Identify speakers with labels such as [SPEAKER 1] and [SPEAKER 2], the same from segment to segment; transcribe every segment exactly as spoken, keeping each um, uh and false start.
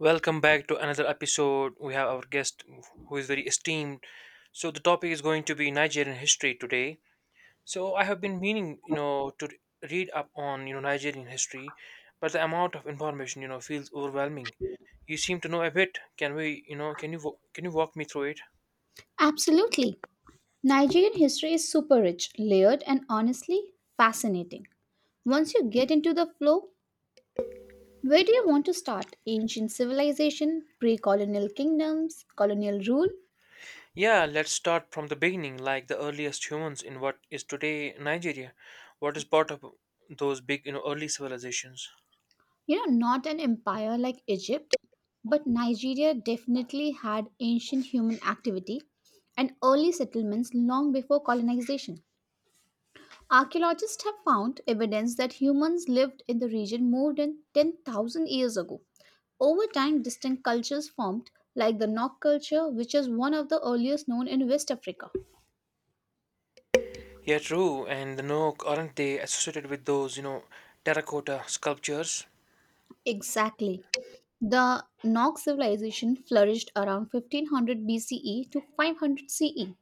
[SPEAKER 1] Welcome back to another episode. We have our guest who is very esteemed. So the topic is going to be Nigerian history today. So I have been meaning, you know, to read up on, you know, Nigerian history, but the amount of information, you know, feels overwhelming. You seem to know a bit. Can we, you know, can you wa- can you walk me through it?
[SPEAKER 2] Absolutely. Nigerian history is super rich, layered, and honestly fascinating. Once you get into the flow, where do you want to start? Ancient civilization, pre colonial kingdoms, colonial rule?
[SPEAKER 1] Yeah, let's start from the beginning, like the earliest humans in what is today Nigeria. What is part of those big, you know, early civilizations?
[SPEAKER 2] You know, not an empire like Egypt, but Nigeria definitely had ancient human activity and early settlements long before colonization. Archaeologists have found evidence that humans lived in the region more than ten thousand years ago. Over time, distinct cultures formed, like the Nok culture, which is one of the earliest known in West Africa.
[SPEAKER 1] Yeah, true. And the Nok, aren't they associated with those, you know, terracotta sculptures?
[SPEAKER 2] Exactly. The Nok civilization flourished around fifteen hundred B C E to five hundred C E.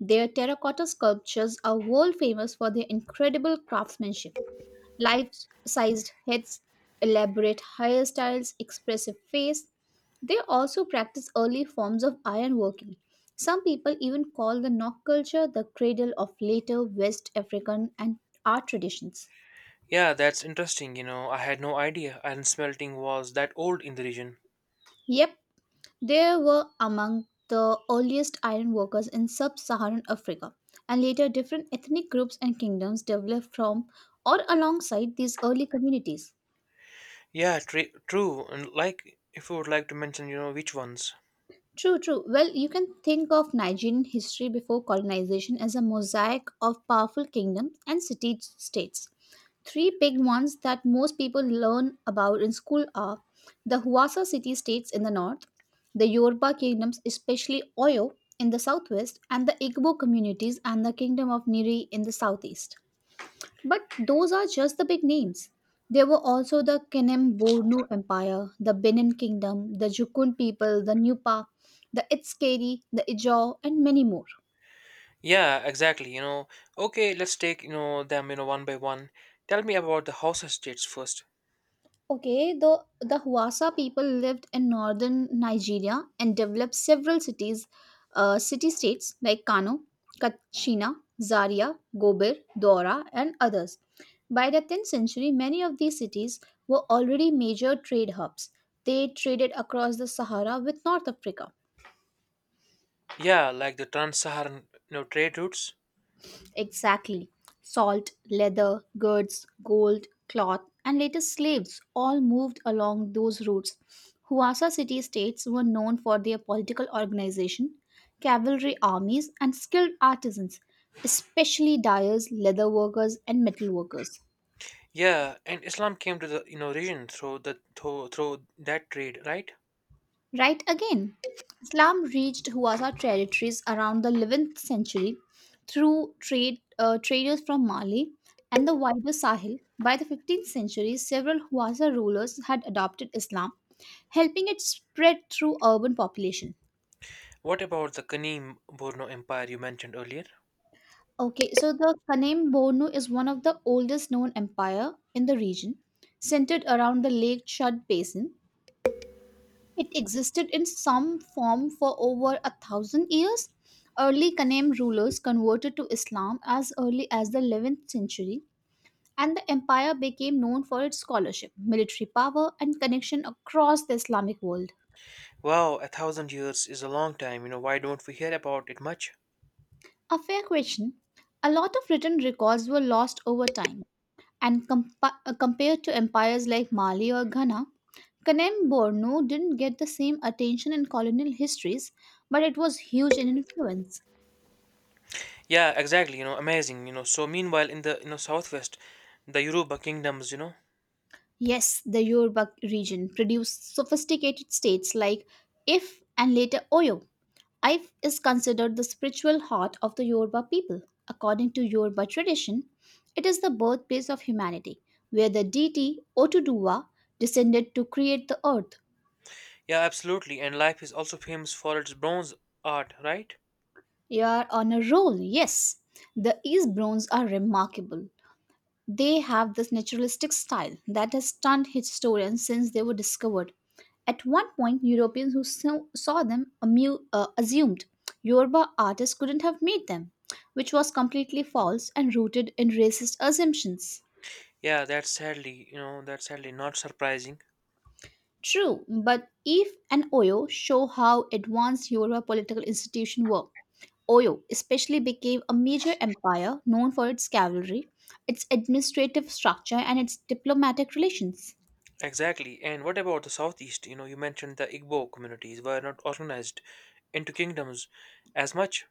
[SPEAKER 2] Their terracotta sculptures are world famous for their incredible craftsmanship. Life-sized heads, elaborate hairstyles, expressive face. They also practice early forms of ironworking. Some people even call the Nok culture the cradle of later West African and art traditions.
[SPEAKER 1] Yeah, that's interesting. You know, I had no idea iron smelting was that old in the region.
[SPEAKER 2] Yep, they were among the earliest ironworkers in sub-Saharan Africa, and later different ethnic groups and kingdoms developed from or alongside these early communities.
[SPEAKER 1] Yeah, tr- true. And like, if you would like to mention, you know, which ones?
[SPEAKER 2] True, true. Well, you can think of Nigerian history before colonization as a mosaic of powerful kingdoms and city states. Three big ones that most people learn about in school are the Huasa city states in the north, the Yoruba kingdoms, especially Oyo, in the southwest, and the Igbo communities and the kingdom of Niri in the southeast. But those are just the big names. There were also the Kenem Bornu Empire, the Benin Kingdom, the Jukun people, the Nupa, the Itskeri, the Ijaw, and many more.
[SPEAKER 1] Yeah, exactly. You know, okay, let's take, you know, them, you know, one by one. Tell me about the Hausa states first.
[SPEAKER 2] Okay, the, the Huasa people lived in northern Nigeria and developed several cities, uh, city-states like Kano, Kachina, Zaria, Gobir, Dora, and others. By the tenth century, many of these cities were already major trade hubs. They traded across the Sahara with North Africa.
[SPEAKER 1] Yeah, like the trans-Saharan, you know, trade routes.
[SPEAKER 2] Exactly. Salt, leather, goods, gold, cloth, and later slaves all moved along those routes. Huasa city states were known for their political organization, cavalry armies, and skilled artisans, especially dyers, leather workers, and metal workers.
[SPEAKER 1] Yeah, and Islam came to the, you know, region through the through, through that trade, right?
[SPEAKER 2] Right again, Islam reached Huasa territories around the eleventh century through trade uh, traders from Mali and the wider Sahel. By the fifteenth century, several Huasa rulers had adopted Islam, helping it spread through urban population.
[SPEAKER 1] What about the Kanim Borno Empire you mentioned earlier?
[SPEAKER 2] Okay, so the Kanem Bornu is one of the oldest known empire in the region, centered around the Lake Chad basin. It existed in some form for over a thousand years. Early Kanem rulers converted to Islam as early as the eleventh century, and the empire became known for its scholarship, military power, and connection across the Islamic world.
[SPEAKER 1] Wow, a thousand years is a long time. You know, why don't we hear about it much?
[SPEAKER 2] A fair question. A lot of written records were lost over time, and compa- uh, compared to empires like Mali or Ghana, Kanem Borno didn't get the same attention in colonial histories, but it was huge in influence.
[SPEAKER 1] Yeah, exactly. You know, amazing. You know, so meanwhile, in the you know southwest, the Yoruba kingdoms. You know,
[SPEAKER 2] Yes, the Yoruba region produced sophisticated states like If and later Oyo. If is considered the spiritual heart of the Yoruba people. According to Yoruba tradition, it is the birthplace of humanity, where the deity Otoduwa descended to create the earth.
[SPEAKER 1] Yeah, absolutely. And life is also famous for its bronze art, right?
[SPEAKER 2] You are on a roll, yes. The East Browns are remarkable. They have this naturalistic style that has stunned historians since they were discovered. At one point, Europeans who saw saw them amu- uh, assumed Yoruba artists couldn't have made them, which was completely false and rooted in racist assumptions.
[SPEAKER 1] Yeah, that's sadly, you know, that's sadly not surprising.
[SPEAKER 2] True, but If and Oyo show how advanced Yoruba political institutions were. Oyo especially became a major empire known for its cavalry, its administrative structure, and its diplomatic relations.
[SPEAKER 1] Exactly. And what about the southeast? You know, you mentioned the Igbo communities were not organized into kingdoms as much.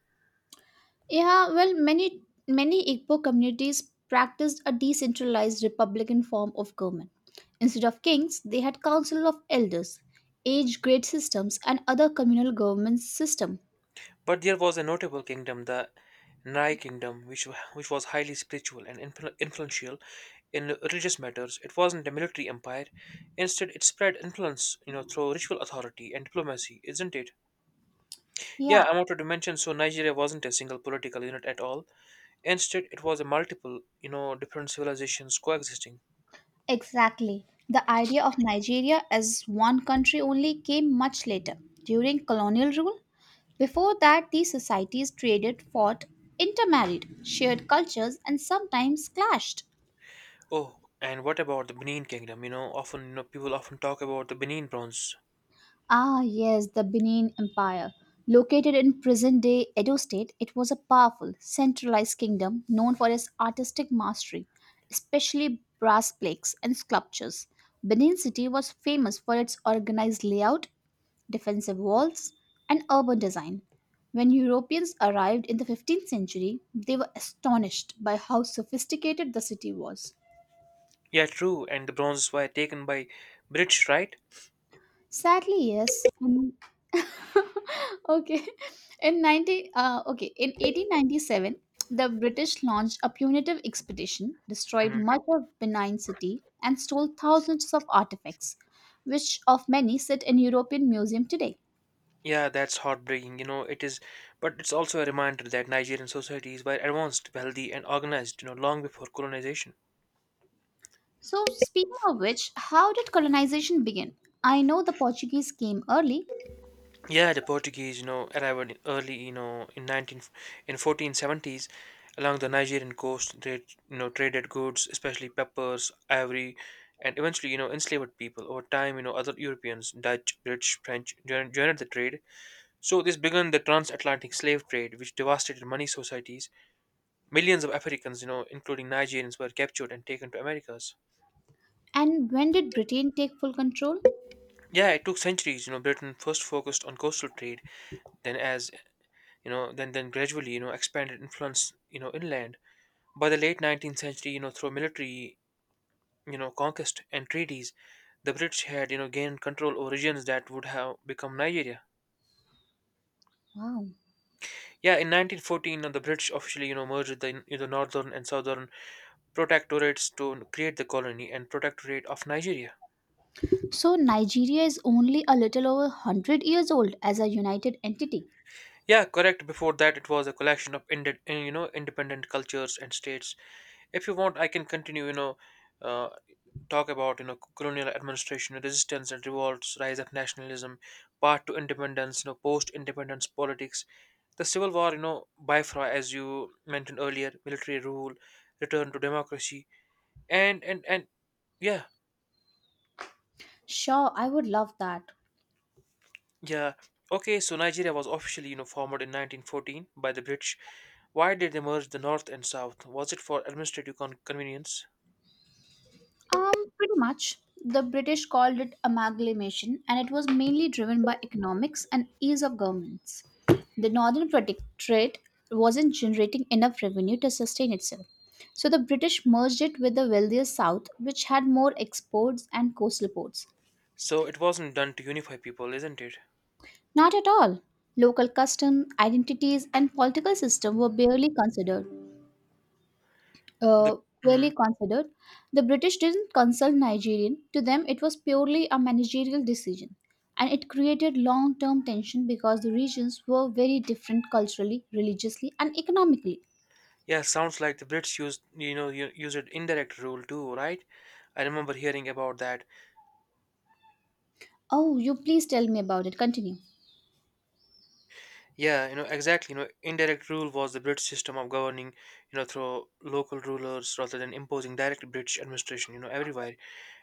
[SPEAKER 2] Yeah, well, many many Igbo communities practiced a decentralized republican form of government. Instead of kings, they had council of elders, age grade systems, and other communal government system.
[SPEAKER 1] But there was a notable kingdom, the Nai kingdom, which, which was highly spiritual and influ- influential in religious matters. It wasn't a military empire. Instead, it spread influence, you know, through ritual authority and diplomacy, isn't it? Yeah,
[SPEAKER 2] Yeah,
[SPEAKER 1] I wanted to mention, so Nigeria wasn't a single political unit at all. Instead, it was a multiple, you know, different civilizations coexisting.
[SPEAKER 2] exactly. The idea of Nigeria as one country only came much later, during colonial rule. Before that, these societies traded, fought, intermarried, shared cultures, and sometimes clashed.
[SPEAKER 1] Oh, and what about the Benin kingdom? You know, often, you know, people often talk about the Benin bronze.
[SPEAKER 2] Ah, yes, the Benin Empire. Located in present day Edo State, it was a powerful, centralized kingdom known for its artistic mastery, especially brass plaques and sculptures. Benin City was famous for its organized layout, defensive walls, and urban design. When Europeans arrived in the fifteenth century, they were astonished by how sophisticated the city was.
[SPEAKER 1] Yeah, true, and the bronzes were taken by British, right?
[SPEAKER 2] Sadly, yes. Okay. In 90 uh, okay, in eighteen ninety-seven, the British launched a punitive expedition, destroyed
[SPEAKER 1] Mhm.
[SPEAKER 2] much of Benin city and stole thousands of artifacts, which of many sit in European museum today.
[SPEAKER 1] Yeah, that's heartbreaking. You know, it is, but it's also a reminder that Nigerian societies were advanced, wealthy, and organized, you know, long before colonization.
[SPEAKER 2] So speaking of which, how did colonization begin? I know the Portuguese came early,
[SPEAKER 1] Yeah, the Portuguese, you know, arrived in early, you know, in nineteen, in fourteen seventies along the Nigerian coast. They, you know, traded goods, especially peppers, ivory, and eventually, you know, enslaved people. Over time, you know, other Europeans, Dutch, British, French, joined, joined the trade. So this began the transatlantic slave trade, which devastated many societies. Millions of Africans, you know, including Nigerians, were captured and taken to Americas.
[SPEAKER 2] and when did Britain take full control?
[SPEAKER 1] Yeah, it took centuries. You know, Britain first focused on coastal trade, then as you know, then then gradually, you know, expanded influence, you know, inland. By the late nineteenth century, you know, through military, you know, conquest and treaties, the British had, you know, gained control over regions that would have become Nigeria.
[SPEAKER 2] Wow.
[SPEAKER 1] Yeah, in nineteen fourteen, you know, the British officially, you know, merged the, you know, northern and southern protectorates to create the colony and protectorate of Nigeria.
[SPEAKER 2] So Nigeria is only a little over one hundred years old as a united entity.
[SPEAKER 1] Yeah, correct. Before that, it was a collection of inde- uh, you know independent cultures and states. If you want, I can continue. You know, uh, talk about you know colonial administration, resistance and revolts, rise of nationalism, path to independence, you know, post-independence politics, the civil war. You know, Biafra, as you mentioned earlier, military rule, return to democracy, and and and yeah.
[SPEAKER 2] Sure, I would love that.
[SPEAKER 1] Yeah. Okay, so Nigeria was officially, you know, formed in nineteen fourteen by the British. Why did they merge the North and South? Was it for administrative con- convenience?
[SPEAKER 2] Um, pretty much. The British called it amalgamation, and it was mainly driven by economics and ease of governance. The Northern Protectorate wasn't generating enough revenue to sustain itself, so the British merged it with the wealthier South, which had more exports and coastal ports.
[SPEAKER 1] So it wasn't done to unify people, isn't it?
[SPEAKER 2] Not at all. Local custom, identities, and political system were barely considered.
[SPEAKER 1] The
[SPEAKER 2] Uh, really
[SPEAKER 1] mm,
[SPEAKER 2] considered. The British didn't consult Nigerian. To them, it was purely a managerial decision, and it created long-term tension because the regions were very different culturally, religiously, and economically.
[SPEAKER 1] yeah, sounds like the Brits used, you know, u- used indirect rule too, right? I remember hearing about that.
[SPEAKER 2] Oh, you please tell me about it. Continue.
[SPEAKER 1] Yeah, you know, exactly. You know, indirect rule was the British system of governing, you know, through local rulers rather than imposing direct British administration, you know, everywhere.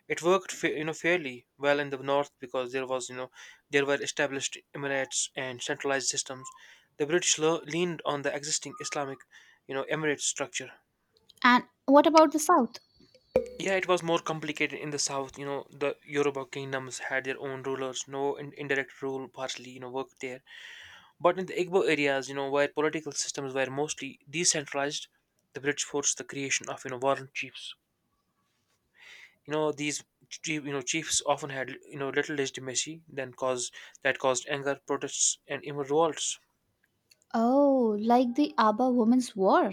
[SPEAKER 1] It worked fa- you know fairly well in the north because there was you know there were established emirates and centralized systems. The British lo- leaned on the existing Islamic you know emirate structure.
[SPEAKER 2] And what about the South?
[SPEAKER 1] Yeah, it was more complicated in the south. You know, the Yoruba kingdoms had their own rulers. No in- indirect rule partly, you know, worked there. But in the Igbo areas, you know, where political systems were mostly decentralized, the British forced the creation of, you know, warrant chiefs. You know, these chief, you know chiefs often had you know little legitimacy, then cause that caused anger, protests, and even revolts.
[SPEAKER 2] Oh, like the Aba Women's War.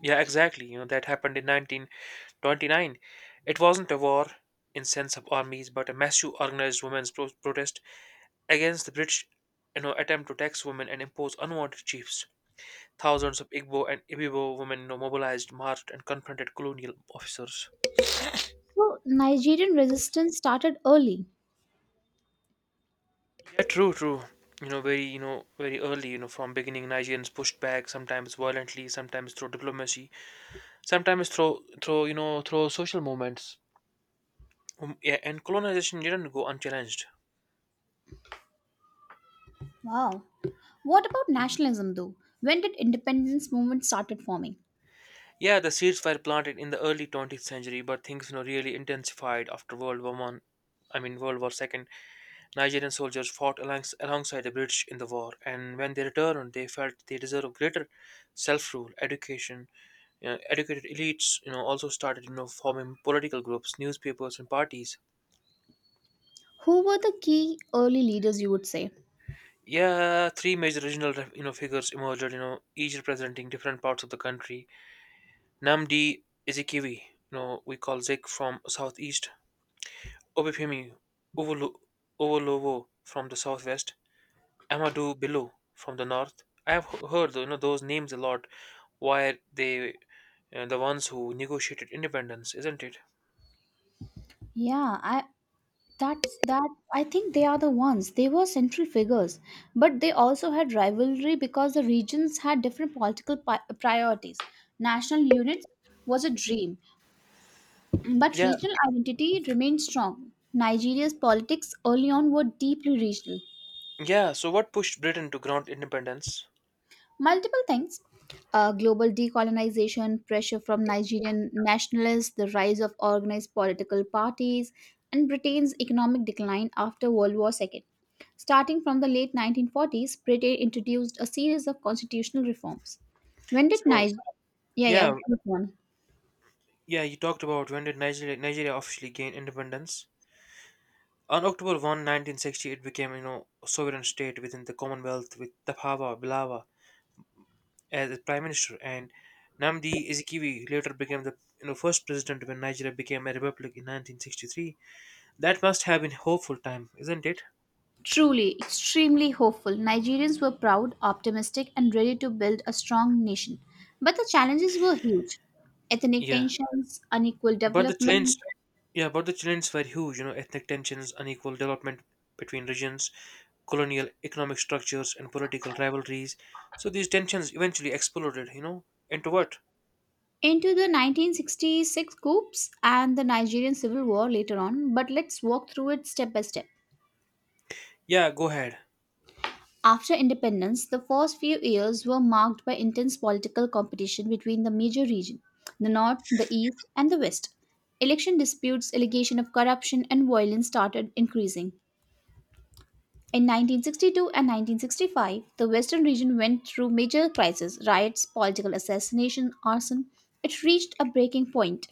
[SPEAKER 1] Yeah, exactly. You know that happened in nineteen twenty-nine. It wasn't a war in sense of armies, but a massive organized women's pro- protest against the British, you know, attempt to tax women and impose unwanted chiefs. Thousands of Igbo and Ibibo women you know, mobilized, marched, and confronted colonial officers.
[SPEAKER 2] So Nigerian resistance started early.
[SPEAKER 1] Yeah, true, true. You know, very, you know, very early, you know, from beginning, Nigerians pushed back, sometimes violently, sometimes through diplomacy, sometimes through, through, you know, through social movements. Um, yeah, and colonization didn't go unchallenged.
[SPEAKER 2] Wow. What about nationalism though? When did independence movement started forming?
[SPEAKER 1] Yeah, the seeds were planted in the early twentieth century, but things, you know, really intensified after World War One. I mean, World War Second. Nigerian soldiers fought alangs- alongside the British in the war, and when they returned, they felt they deserved greater self-rule, education. You know, educated elites, you know, also started, you know, forming political groups, newspapers, and parties.
[SPEAKER 2] Who were the key early leaders you would say?
[SPEAKER 1] Yeah, three major regional, you know, figures emerged, you know, each representing different parts of the country. Namdi Ezekiwe, you know, we call Zik from southeast. Obifemi Ovolo- Ovolowo from the southwest. Amadou Bello from the north. I have h- heard you know those names a lot. Why they uh, the ones who negotiated independence, isn't it?
[SPEAKER 2] Yeah, I that's that I think they are the ones. They were central figures, but they also had rivalry because the regions had different political pi- priorities. National units was a dream, but
[SPEAKER 1] Yeah,
[SPEAKER 2] regional identity remained strong. Nigeria's politics early on were deeply regional.
[SPEAKER 1] yeah. So what pushed Britain to grant independence?
[SPEAKER 2] Multiple things: uh, global decolonization, pressure from Nigerian nationalists, the rise of organized political parties, and Britain's economic decline after World War the second. Starting from the late nineteen forties, Britain introduced a series of constitutional reforms. When did
[SPEAKER 1] So,
[SPEAKER 2] Nigeria? Yeah, yeah,
[SPEAKER 1] yeah,
[SPEAKER 2] good one.
[SPEAKER 1] yeah. You talked about when did Nigeria Nigeria officially gain independence? On October first, nineteen sixty, it became you know a sovereign state within the Commonwealth with Tafawa Balewa as the prime minister and Namdi Azikiwe later became the you know first president when Nigeria became a republic in nineteen sixty-three. That must have been hopeful time, isn't it?
[SPEAKER 2] Truly, extremely hopeful. Nigerians were proud, optimistic, and ready to build a strong nation. But the challenges were huge ethnic
[SPEAKER 1] Yeah.
[SPEAKER 2] tensions, unequal
[SPEAKER 1] But the
[SPEAKER 2] development,
[SPEAKER 1] challenge yeah, but the challenges were huge, you know, ethnic tensions, unequal development between regions, colonial economic structures and political rivalries. So these tensions eventually exploded, you know, into what?
[SPEAKER 2] into the nineteen sixty-six coups and the Nigerian Civil War later on, but let's walk through it step by step.
[SPEAKER 1] Yeah, go ahead.
[SPEAKER 2] After independence, the first few years were marked by intense political competition between the major region, the north, the east, and the west. Election disputes, allegation of corruption, and violence started increasing. In nineteen sixty-two and nineteen sixty-five, the western region went through major crises, riots, political assassination, arson. It reached a breaking point.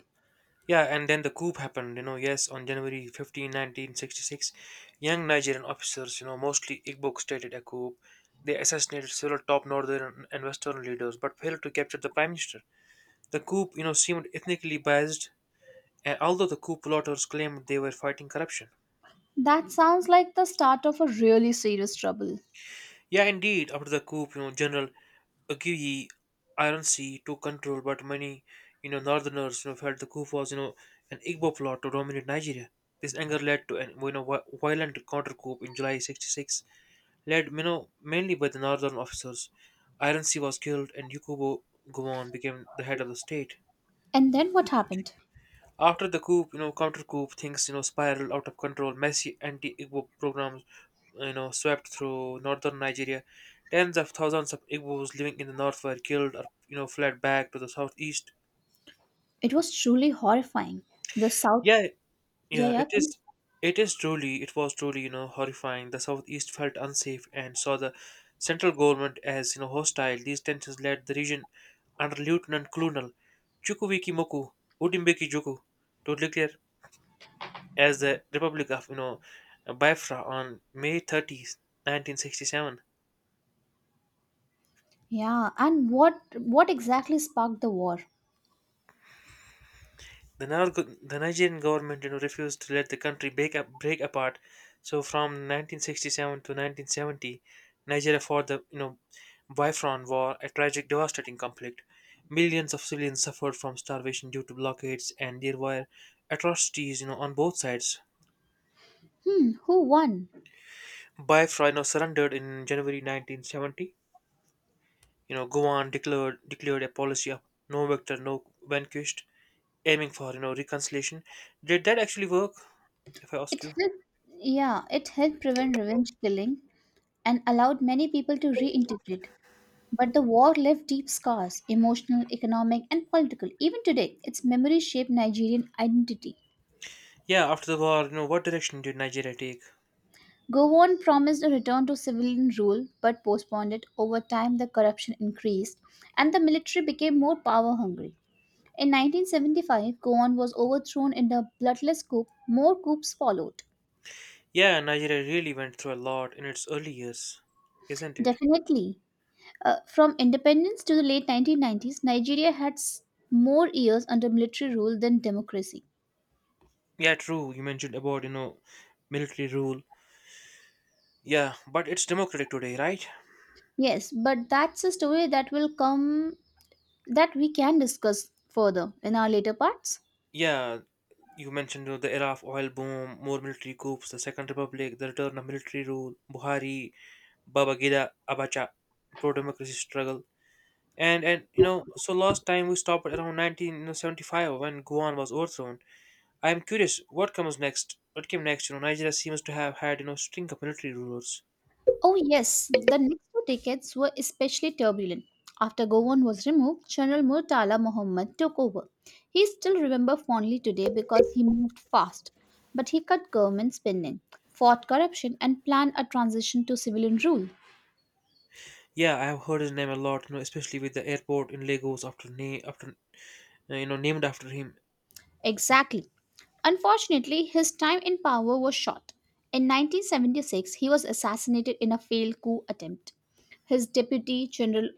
[SPEAKER 1] Yeah, and then the coup happened, you know, yes, on January fifteenth, nineteen sixty-six, young Nigerian officers, you know, mostly Igbo started a coup. They assassinated several top northern and western leaders but failed to capture the prime minister. The coup, you know, seemed ethnically biased, and although the coup plotters claimed they were fighting corruption.
[SPEAKER 2] That sounds like the start of a really serious trouble.
[SPEAKER 1] Yeah, indeed, after the coup, you know, General Ogiyi Ironsi took control, but many, you know, Northerners, you know, felt the coup was, you know, an Igbo plot to dominate Nigeria. This anger led to an, you know, vi- violent counter-coup in July 'sixty-six, led, you know, mainly by the Northern officers. Ironsi was killed, and Yakubu Gowon became the head of the state.
[SPEAKER 2] And then what happened?
[SPEAKER 1] After the coup, you know, counter coup, things, you know, spiral out of control. Messy anti Igbo programs, you know, swept through northern Nigeria. Tens of thousands of Igbos living in the north were killed or, you know, fled back to the southeast.
[SPEAKER 2] It was truly horrifying. The South,
[SPEAKER 1] Yeah,
[SPEAKER 2] yeah,
[SPEAKER 1] yeah,
[SPEAKER 2] yeah,
[SPEAKER 1] it
[SPEAKER 2] please.
[SPEAKER 1] is. It is truly, it was truly, you know, horrifying. The southeast felt unsafe and saw the central government as, you know, hostile. These tensions led the region under Lieutenant Colonel Chukwuiki Moku, Udimbeki Juku, to declare as the Republic of you know Biafra on May thirtieth, nineteen sixty-seven.
[SPEAKER 2] Yeah, and what what exactly sparked the war?
[SPEAKER 1] The, Nar- the Nigerian government you know, refused to let the country break, up, break apart. So from nineteen sixty-seven to nineteen seventy, Nigeria fought the you know Biafran War, a tragic, devastating conflict. Millions of civilians suffered from starvation due to blockades, and there were atrocities you know on both sides.
[SPEAKER 2] Hmm, who won?
[SPEAKER 1] Biafra you know, surrendered in January nineteen seventy, you know, Gowan declared declared a policy of no victor, no vanquished, aiming for you know reconciliation. Did that actually work? If I ask
[SPEAKER 2] It
[SPEAKER 1] you,
[SPEAKER 2] helped, yeah, it helped prevent revenge killing and allowed many people to reintegrate. But the war left deep scars, emotional, economic, and political. Even today, its memory shaped Nigerian identity.
[SPEAKER 1] yeah. After the war, you know, what direction did Nigeria take?
[SPEAKER 2] Gowon promised a return to civilian rule but postponed it. Over time, the corruption increased and the military became more power hungry. In nineteen seventy-five, Gowon was overthrown in a bloodless coup. More coups followed.
[SPEAKER 1] Yeah, Nigeria really went through a lot in its early years, isn't it?
[SPEAKER 2] Definitely, uh, from independence to the late nineteen nineties, Nigeria had s- more years under military rule than democracy.
[SPEAKER 1] Yeah, true. You mentioned about you know military rule. Yeah, but it's democratic today, right?
[SPEAKER 2] Yes, but that's a story that will come that we can discuss further in our later parts.
[SPEAKER 1] Yeah, you mentioned you know, the era of oil boom, more military coups, the Second Republic, the return of military rule, Buhari, Babangida, Abacha, pro-democracy struggle. And and you know, so last time we stopped at around nineteen seventy-five when Guam was overthrown. I am curious what comes next. What came next? You know, Nigeria seems to have had you know string of military rulers.
[SPEAKER 2] Oh, yes, the next two decades were especially turbulent. After Govan was removed, General Murtala Muhammad took over. He is still remembered fondly today because he moved fast, but he cut government spending, fought corruption, and planned a transition to civilian rule.
[SPEAKER 1] Yeah, I have heard his name a lot. You know, especially with the airport in Lagos after name after uh, you know named after him.
[SPEAKER 2] Exactly. Unfortunately, his time in power was short. In nineteen seventy-six, he was assassinated in a failed coup attempt. His deputy, General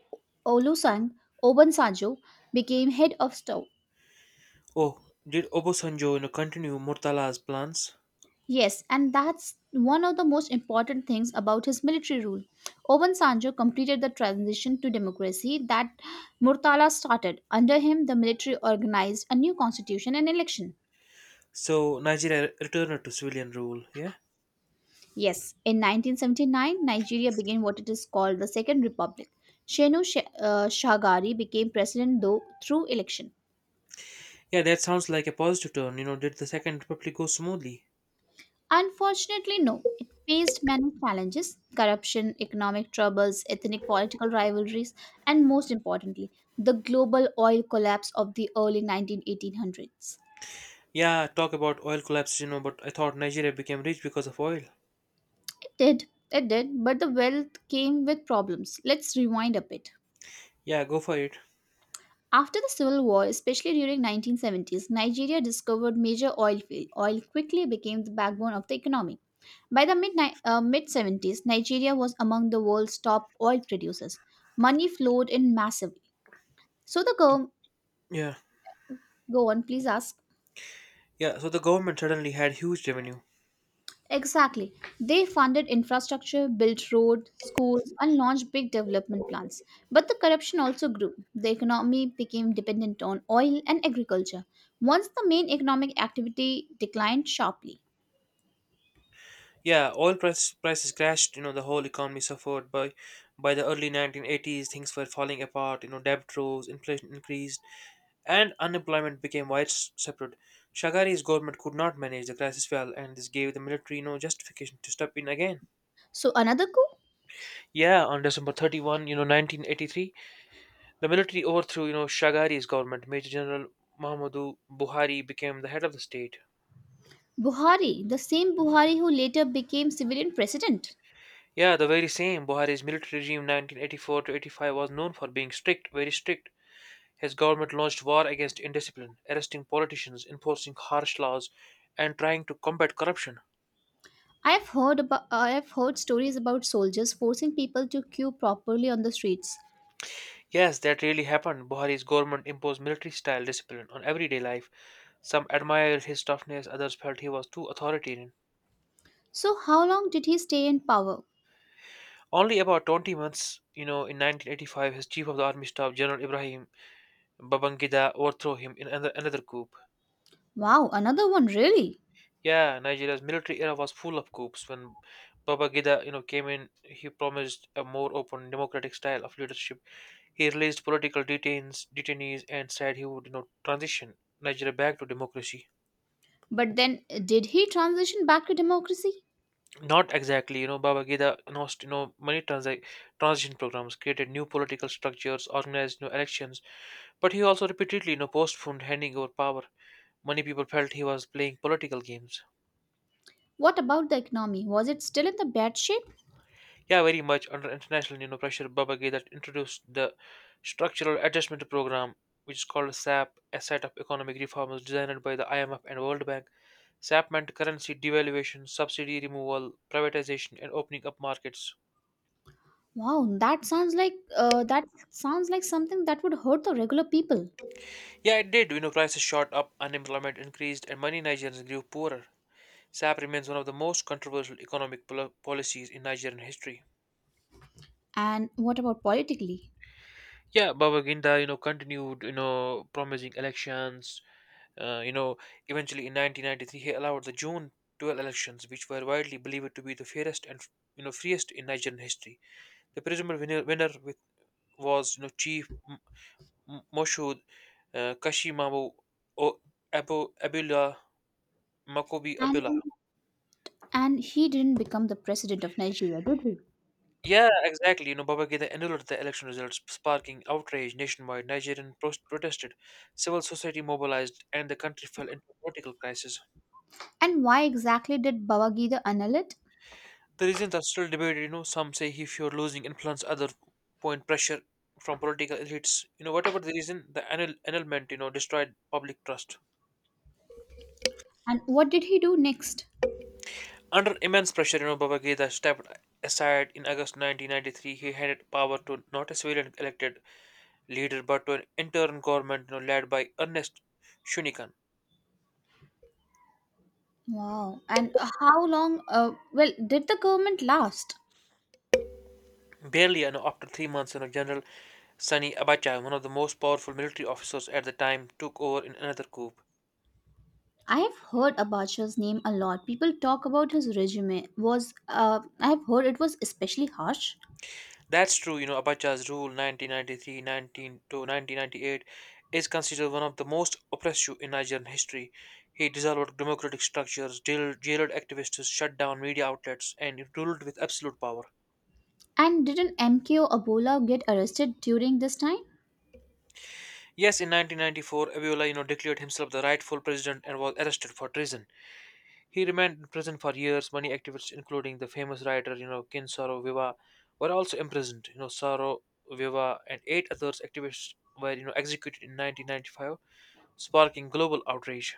[SPEAKER 2] Olusegun Obasanjo, became head of.
[SPEAKER 1] Oh, did Obasanjo you know continue Murtala's plans?
[SPEAKER 2] Yes, and that's one of the most important things about his military rule. Oban Sanjo completed the transition to democracy that Murtala started. Under him, the military organized a new constitution and election.
[SPEAKER 1] So Nigeria returned to civilian rule. Yeah,
[SPEAKER 2] Yes, in nineteen seventy-nine, Nigeria began what it is called the Second Republic. Shehu Sh- uh, Shagari became president though through election.
[SPEAKER 1] yeah, that sounds like a positive turn. You know, did the Second Republic go smoothly?
[SPEAKER 2] Unfortunately, no. It faced many challenges corruption, economic troubles, ethnic political rivalries, and most importantly, the global oil collapse of the early nineteen eighteen hundreds.
[SPEAKER 1] Yeah, talk about oil collapse, you know, but I thought Nigeria became rich because of oil.
[SPEAKER 2] It did, it did, but the wealth came with problems. Let's rewind a bit.
[SPEAKER 1] Yeah, go for it.
[SPEAKER 2] After the Civil War, especially during nineteen seventies, Nigeria discovered major oil field. Oil quickly became the backbone of the economy. By the mid uh, mid seventies, Nigeria was among the world's top oil producers. Money flowed in massively. So the go,
[SPEAKER 1] Yeah.
[SPEAKER 2] Go on, please ask.
[SPEAKER 1] Yeah, so the government suddenly had huge revenue.
[SPEAKER 2] Exactly. They funded infrastructure, built roads, schools, and launched big development plans. But the corruption also grew. The economy became dependent on oil and agriculture. Once the main economic activity declined sharply.
[SPEAKER 1] Yeah, oil price, prices crashed, you know, the whole economy suffered by by the early nineteen eighties things were falling apart, you know, debt rose, inflation increased, and unemployment became widespread. Shagari's government could not manage the crisis well, and this gave the military no justification to step in again.
[SPEAKER 2] So another coup?
[SPEAKER 1] Yeah, on December thirty-first, you know, nineteen eighty-three, the military overthrew, you know, Shagari's government. Major General Muhammadu Buhari became the head of the state.
[SPEAKER 2] Buhari, the same Buhari who later became civilian president.
[SPEAKER 1] Yeah, the very same. Buhari's military regime nineteen eighty-four to eighty-five was known for being strict, very strict. His government launched war against indiscipline, arresting politicians, enforcing harsh laws, and trying to combat corruption.
[SPEAKER 2] I have heard about I have heard stories about soldiers forcing people to queue properly on the streets.
[SPEAKER 1] Yes, that really happened. Buhari's government imposed military style discipline on everyday life. Some admired his toughness, others felt he was too authoritarian.
[SPEAKER 2] So how long did he stay in power?
[SPEAKER 1] Only about twenty months, you know, in nineteen eighty-five, his chief of the army staff, General Ibrahim Babangida, overthrew him in another another coup.
[SPEAKER 2] Wow, another one, really?
[SPEAKER 1] Yeah, Nigeria's military era was full of coups. When Babangida, you know, came in, he promised a more open, democratic style of leadership. He released political detains, detainees and said he would, you know, transition Nigeria back to democracy.
[SPEAKER 2] But then, uh, did he transition back to democracy?
[SPEAKER 1] Not exactly, you know, Babangida announced, you know, many transi- transition programs, created new political structures, organized new elections, but he also repeatedly, you know, postponed handing over power. Many people felt he was playing political games.
[SPEAKER 2] What about the economy? Was it still in the bad shape?
[SPEAKER 1] Yeah, very much under international you know pressure, Babagay that introduced the Structural Adjustment Program, which is called SAP, a set of economic reforms designed by the I M F and World Bank. SAP meant currency devaluation, subsidy removal, privatization, and opening up markets.
[SPEAKER 2] Wow, that sounds like uh, that sounds like something that would hurt the regular people.
[SPEAKER 1] Yeah, it did. You know, prices shot up, unemployment increased, and many Nigerians grew poorer. SAP remains one of the most controversial economic pol- policies in Nigerian history.
[SPEAKER 2] And what about politically?
[SPEAKER 1] Yeah, Baba Ginda, you know, continued, you know, promising elections, Uh, you know, eventually in nineteen ninety-three, he allowed the June twelfth elections, which were widely believed to be the fairest and you know freest in Nigerian history. The presumed winner, winner with, was you know Chief M- M- Moshood uh, Kashimamu o- Abu Abula Makobi Abula.
[SPEAKER 2] And and he didn't become the president of Nigeria, did he?
[SPEAKER 1] Yeah, exactly. You know, Babangida annulled the election results, sparking outrage nationwide. Nigerian pros- protested, civil society mobilized, and the country fell into a political crisis.
[SPEAKER 2] And why exactly did Babangida annul it?
[SPEAKER 1] The reasons are still debated. You know, some say if you're losing influence, other point pressure from political elites. You know, whatever the reason, the annul- annulment, you know, destroyed public trust.
[SPEAKER 2] And what did he do next?
[SPEAKER 1] Under immense pressure, you know, Baba Geda stepped aside in August nineteen ninety-three. He handed power to not a civilian elected leader, but to an interim government, you know, led by Ernest Shunikan.
[SPEAKER 2] Wow. And how long? Uh, well, did the government last?
[SPEAKER 1] Barely, you know, after three months, you know, General Sani Abacha, one of the most powerful military officers at the time, took over in another coup.
[SPEAKER 2] I have heard about Abacha's name a lot. People talk about his regime was uh, I have heard it was especially harsh.
[SPEAKER 1] That's true, you know, Abacha's rule nineteen ninety-three to nineteen ninety-eight is considered one of the most oppressive in Nigerian history. He dissolved democratic structures, jailed, jailed activists, shut down media outlets, and ruled with absolute power.
[SPEAKER 2] And didn't M K O Abola get arrested during this time?
[SPEAKER 1] Yes, in nineteen ninety-four, Abiola, you know, declared himself the rightful president and was arrested for treason. He remained in prison for years. Many activists, including the famous writer, you know, Saro-Wiwa, were also imprisoned. You know, Saro wiwa and eight others activists were, you know, executed in nineteen ninety-five sparking global outrage.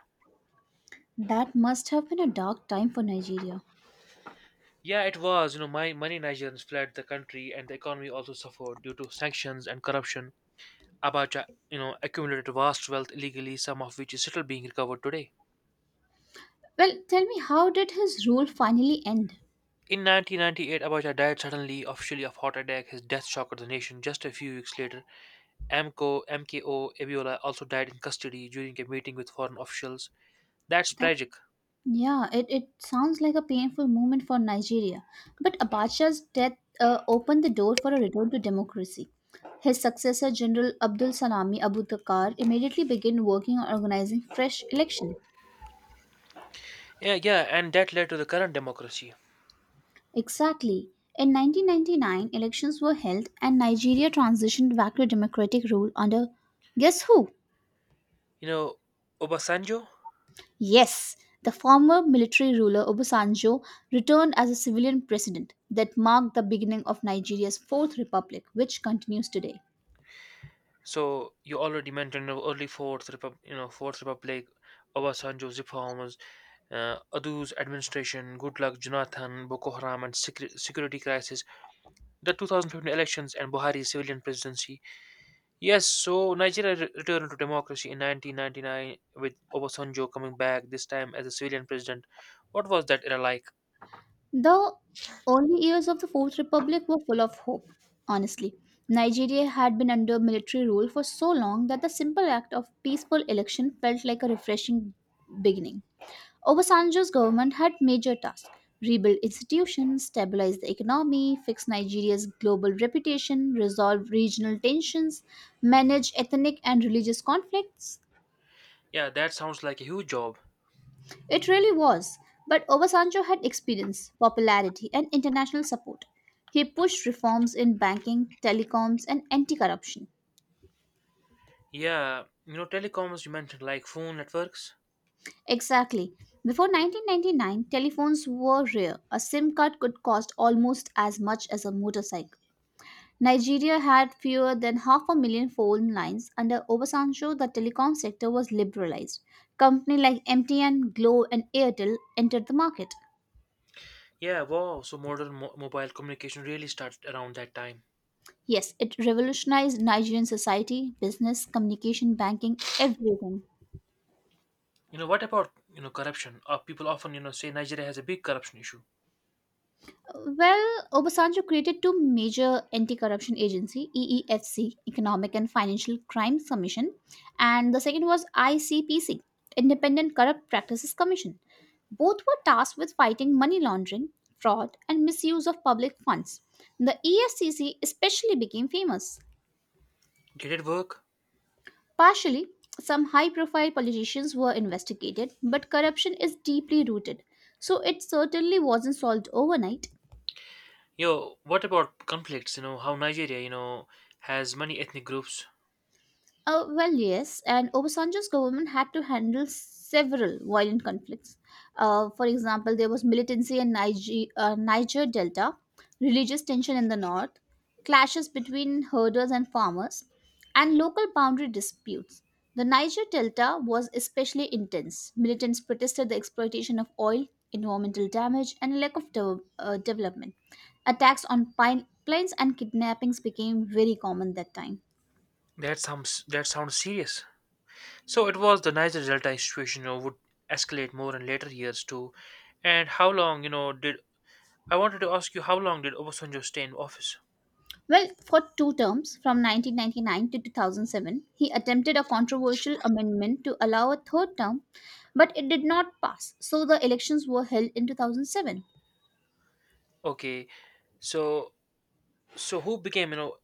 [SPEAKER 2] That must have been a dark time for Nigeria.
[SPEAKER 1] Yeah, it was. You know, my many Nigerians fled the country, and the economy also suffered due to sanctions and corruption. Abacha, you know, accumulated vast wealth illegally, some of which is still being recovered today.
[SPEAKER 2] Well, tell me how did his rule finally end?
[SPEAKER 1] In nineteen ninety-eight, Abacha died suddenly, officially of heart attack. His death shocked the nation. Just a few weeks later, M C O M K O Abiola also died in custody during a meeting with foreign officials. That's
[SPEAKER 2] That
[SPEAKER 1] tragic.
[SPEAKER 2] Yeah, it, it sounds like a painful moment for Nigeria. But Abacha's death uh, opened the door for a return to democracy. His successor, General Abdul Salami Abu Bakar, immediately began working on organizing fresh elections.
[SPEAKER 1] Yeah, yeah, and that led to the current democracy.
[SPEAKER 2] Exactly. In nineteen ninety-nine, elections were held and Nigeria transitioned back to democratic rule under guess who?
[SPEAKER 1] You know, Obasanjo.
[SPEAKER 2] Yes, the former military ruler Obasanjo returned as a civilian president that marked the beginning of Nigeria's Fourth Republic, which continues today.
[SPEAKER 1] So you already mentioned the early Fourth Repub- you know Fourth Republic, Obasanjo's reforms, uh, Adu's administration, Good Luck Jonathan, Boko Haram, and secre- security crisis, the two thousand fifteen elections, and Buhari's civilian presidency. Yes, so Nigeria re- returned to democracy in nineteen ninety-nine with Obasanjo coming back this time as a civilian president. What was that era like?
[SPEAKER 2] The early years of the Fourth Republic were full of hope, honestly. Nigeria had been under military rule for so long that the simple act of peaceful election felt like a refreshing beginning. Obasanjo's government had major tasks: rebuild institutions, stabilize the economy, fix Nigeria's global reputation, resolve regional tensions, manage ethnic and religious conflicts.
[SPEAKER 1] Yeah, that sounds like a huge job.
[SPEAKER 2] It really was. But Obasanjo had experience, popularity, and international support. He pushed reforms in banking, telecoms, and anti corruption.
[SPEAKER 1] Yeah, you know telecoms you mentioned like phone networks.
[SPEAKER 2] Exactly. Before nineteen ninety-nine, telephones were rare. A SIM card could cost almost as much as a motorcycle. Nigeria had fewer than half a million phone lines. Under Obasanjo, the telecom sector was liberalized. Companies like M T N, Glo, and Airtel entered the market.
[SPEAKER 1] Yeah, wow. So modern mo- mobile communication really started around that time.
[SPEAKER 2] Yes, it revolutionized Nigerian society, business, communication, banking, everything.
[SPEAKER 1] You know, what about, you know, corruption? Uh, people often, you know, say Nigeria has a big corruption issue.
[SPEAKER 2] Well, Obasanjo created two major anti-corruption agency, E E F C, Economic and Financial Crimes Commission, and the second was I C P C, Independent Corrupt Practices Commission. Both were tasked with fighting money laundering, fraud, and misuse of public funds. The E F C C especially became famous.
[SPEAKER 1] Did it work?
[SPEAKER 2] Partially, some high profile politicians were investigated, but corruption is deeply rooted, so it certainly wasn't solved overnight.
[SPEAKER 1] Yo, what about conflicts? You know, how Nigeria, you know, has many ethnic groups.
[SPEAKER 2] Uh, well, yes, and Obasanjo's government had to handle several violent conflicts. Uh, for example, there was militancy in Niger, uh, Niger Delta, religious tension in the north, clashes between herders and farmers, and local boundary disputes. The Niger Delta was especially intense. Militants protested the exploitation of oil, environmental damage, and lack of de- uh, development. Attacks on pine- planes and kidnappings became very common that time.
[SPEAKER 1] That sounds that sounds serious. So it was the Niger Delta situation, you know, would escalate more in later years too. And how long, you know, did I wanted to ask you how long did Obasanjo stay in office?
[SPEAKER 2] Well, for two terms, from nineteen ninety-nine to two thousand seven, he attempted a controversial amendment to allow a third term, but it did not pass, so the elections were held in two thousand seven.
[SPEAKER 1] Okay, so so who became you know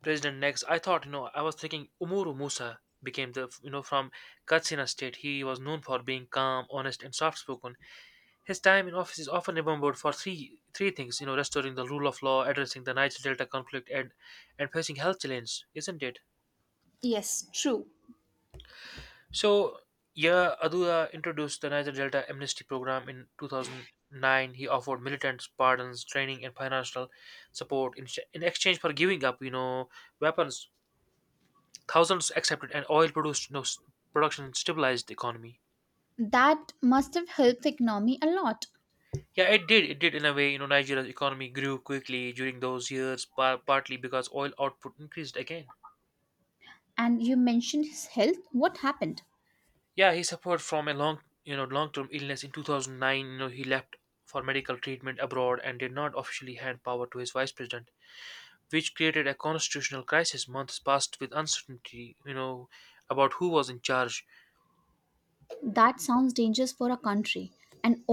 [SPEAKER 1] president next? I thought you know I was thinking Umaru Musa became the you know from Katsina State. He was known for being calm, honest, and soft spoken. His time in office is often remembered for three three things, you know, restoring the rule of law, addressing the Niger Delta conflict, and and facing health challenges, isn't it?
[SPEAKER 2] Yes, true.
[SPEAKER 1] So yeah, Adua introduced the Niger Delta Amnesty Program in two thousand nine. He offered militants pardons, training, and financial support in, in exchange for giving up you know weapons. Thousands accepted, and oil produced no production stabilized the economy.
[SPEAKER 2] That must have helped the economy a lot.
[SPEAKER 1] Yeah, it did. It did in a way. You know, Nigeria's economy grew quickly during those years, par- partly because oil output increased again.
[SPEAKER 2] And you mentioned his health. What happened?
[SPEAKER 1] Yeah, he suffered from a long, you know, long-term illness in two thousand nine. You know, he left for medical treatment abroad and did not officially hand power to his vice president, which created a constitutional crisis. Months passed with uncertainty. You know, about who was in charge.
[SPEAKER 2] That sounds dangerous for a country. An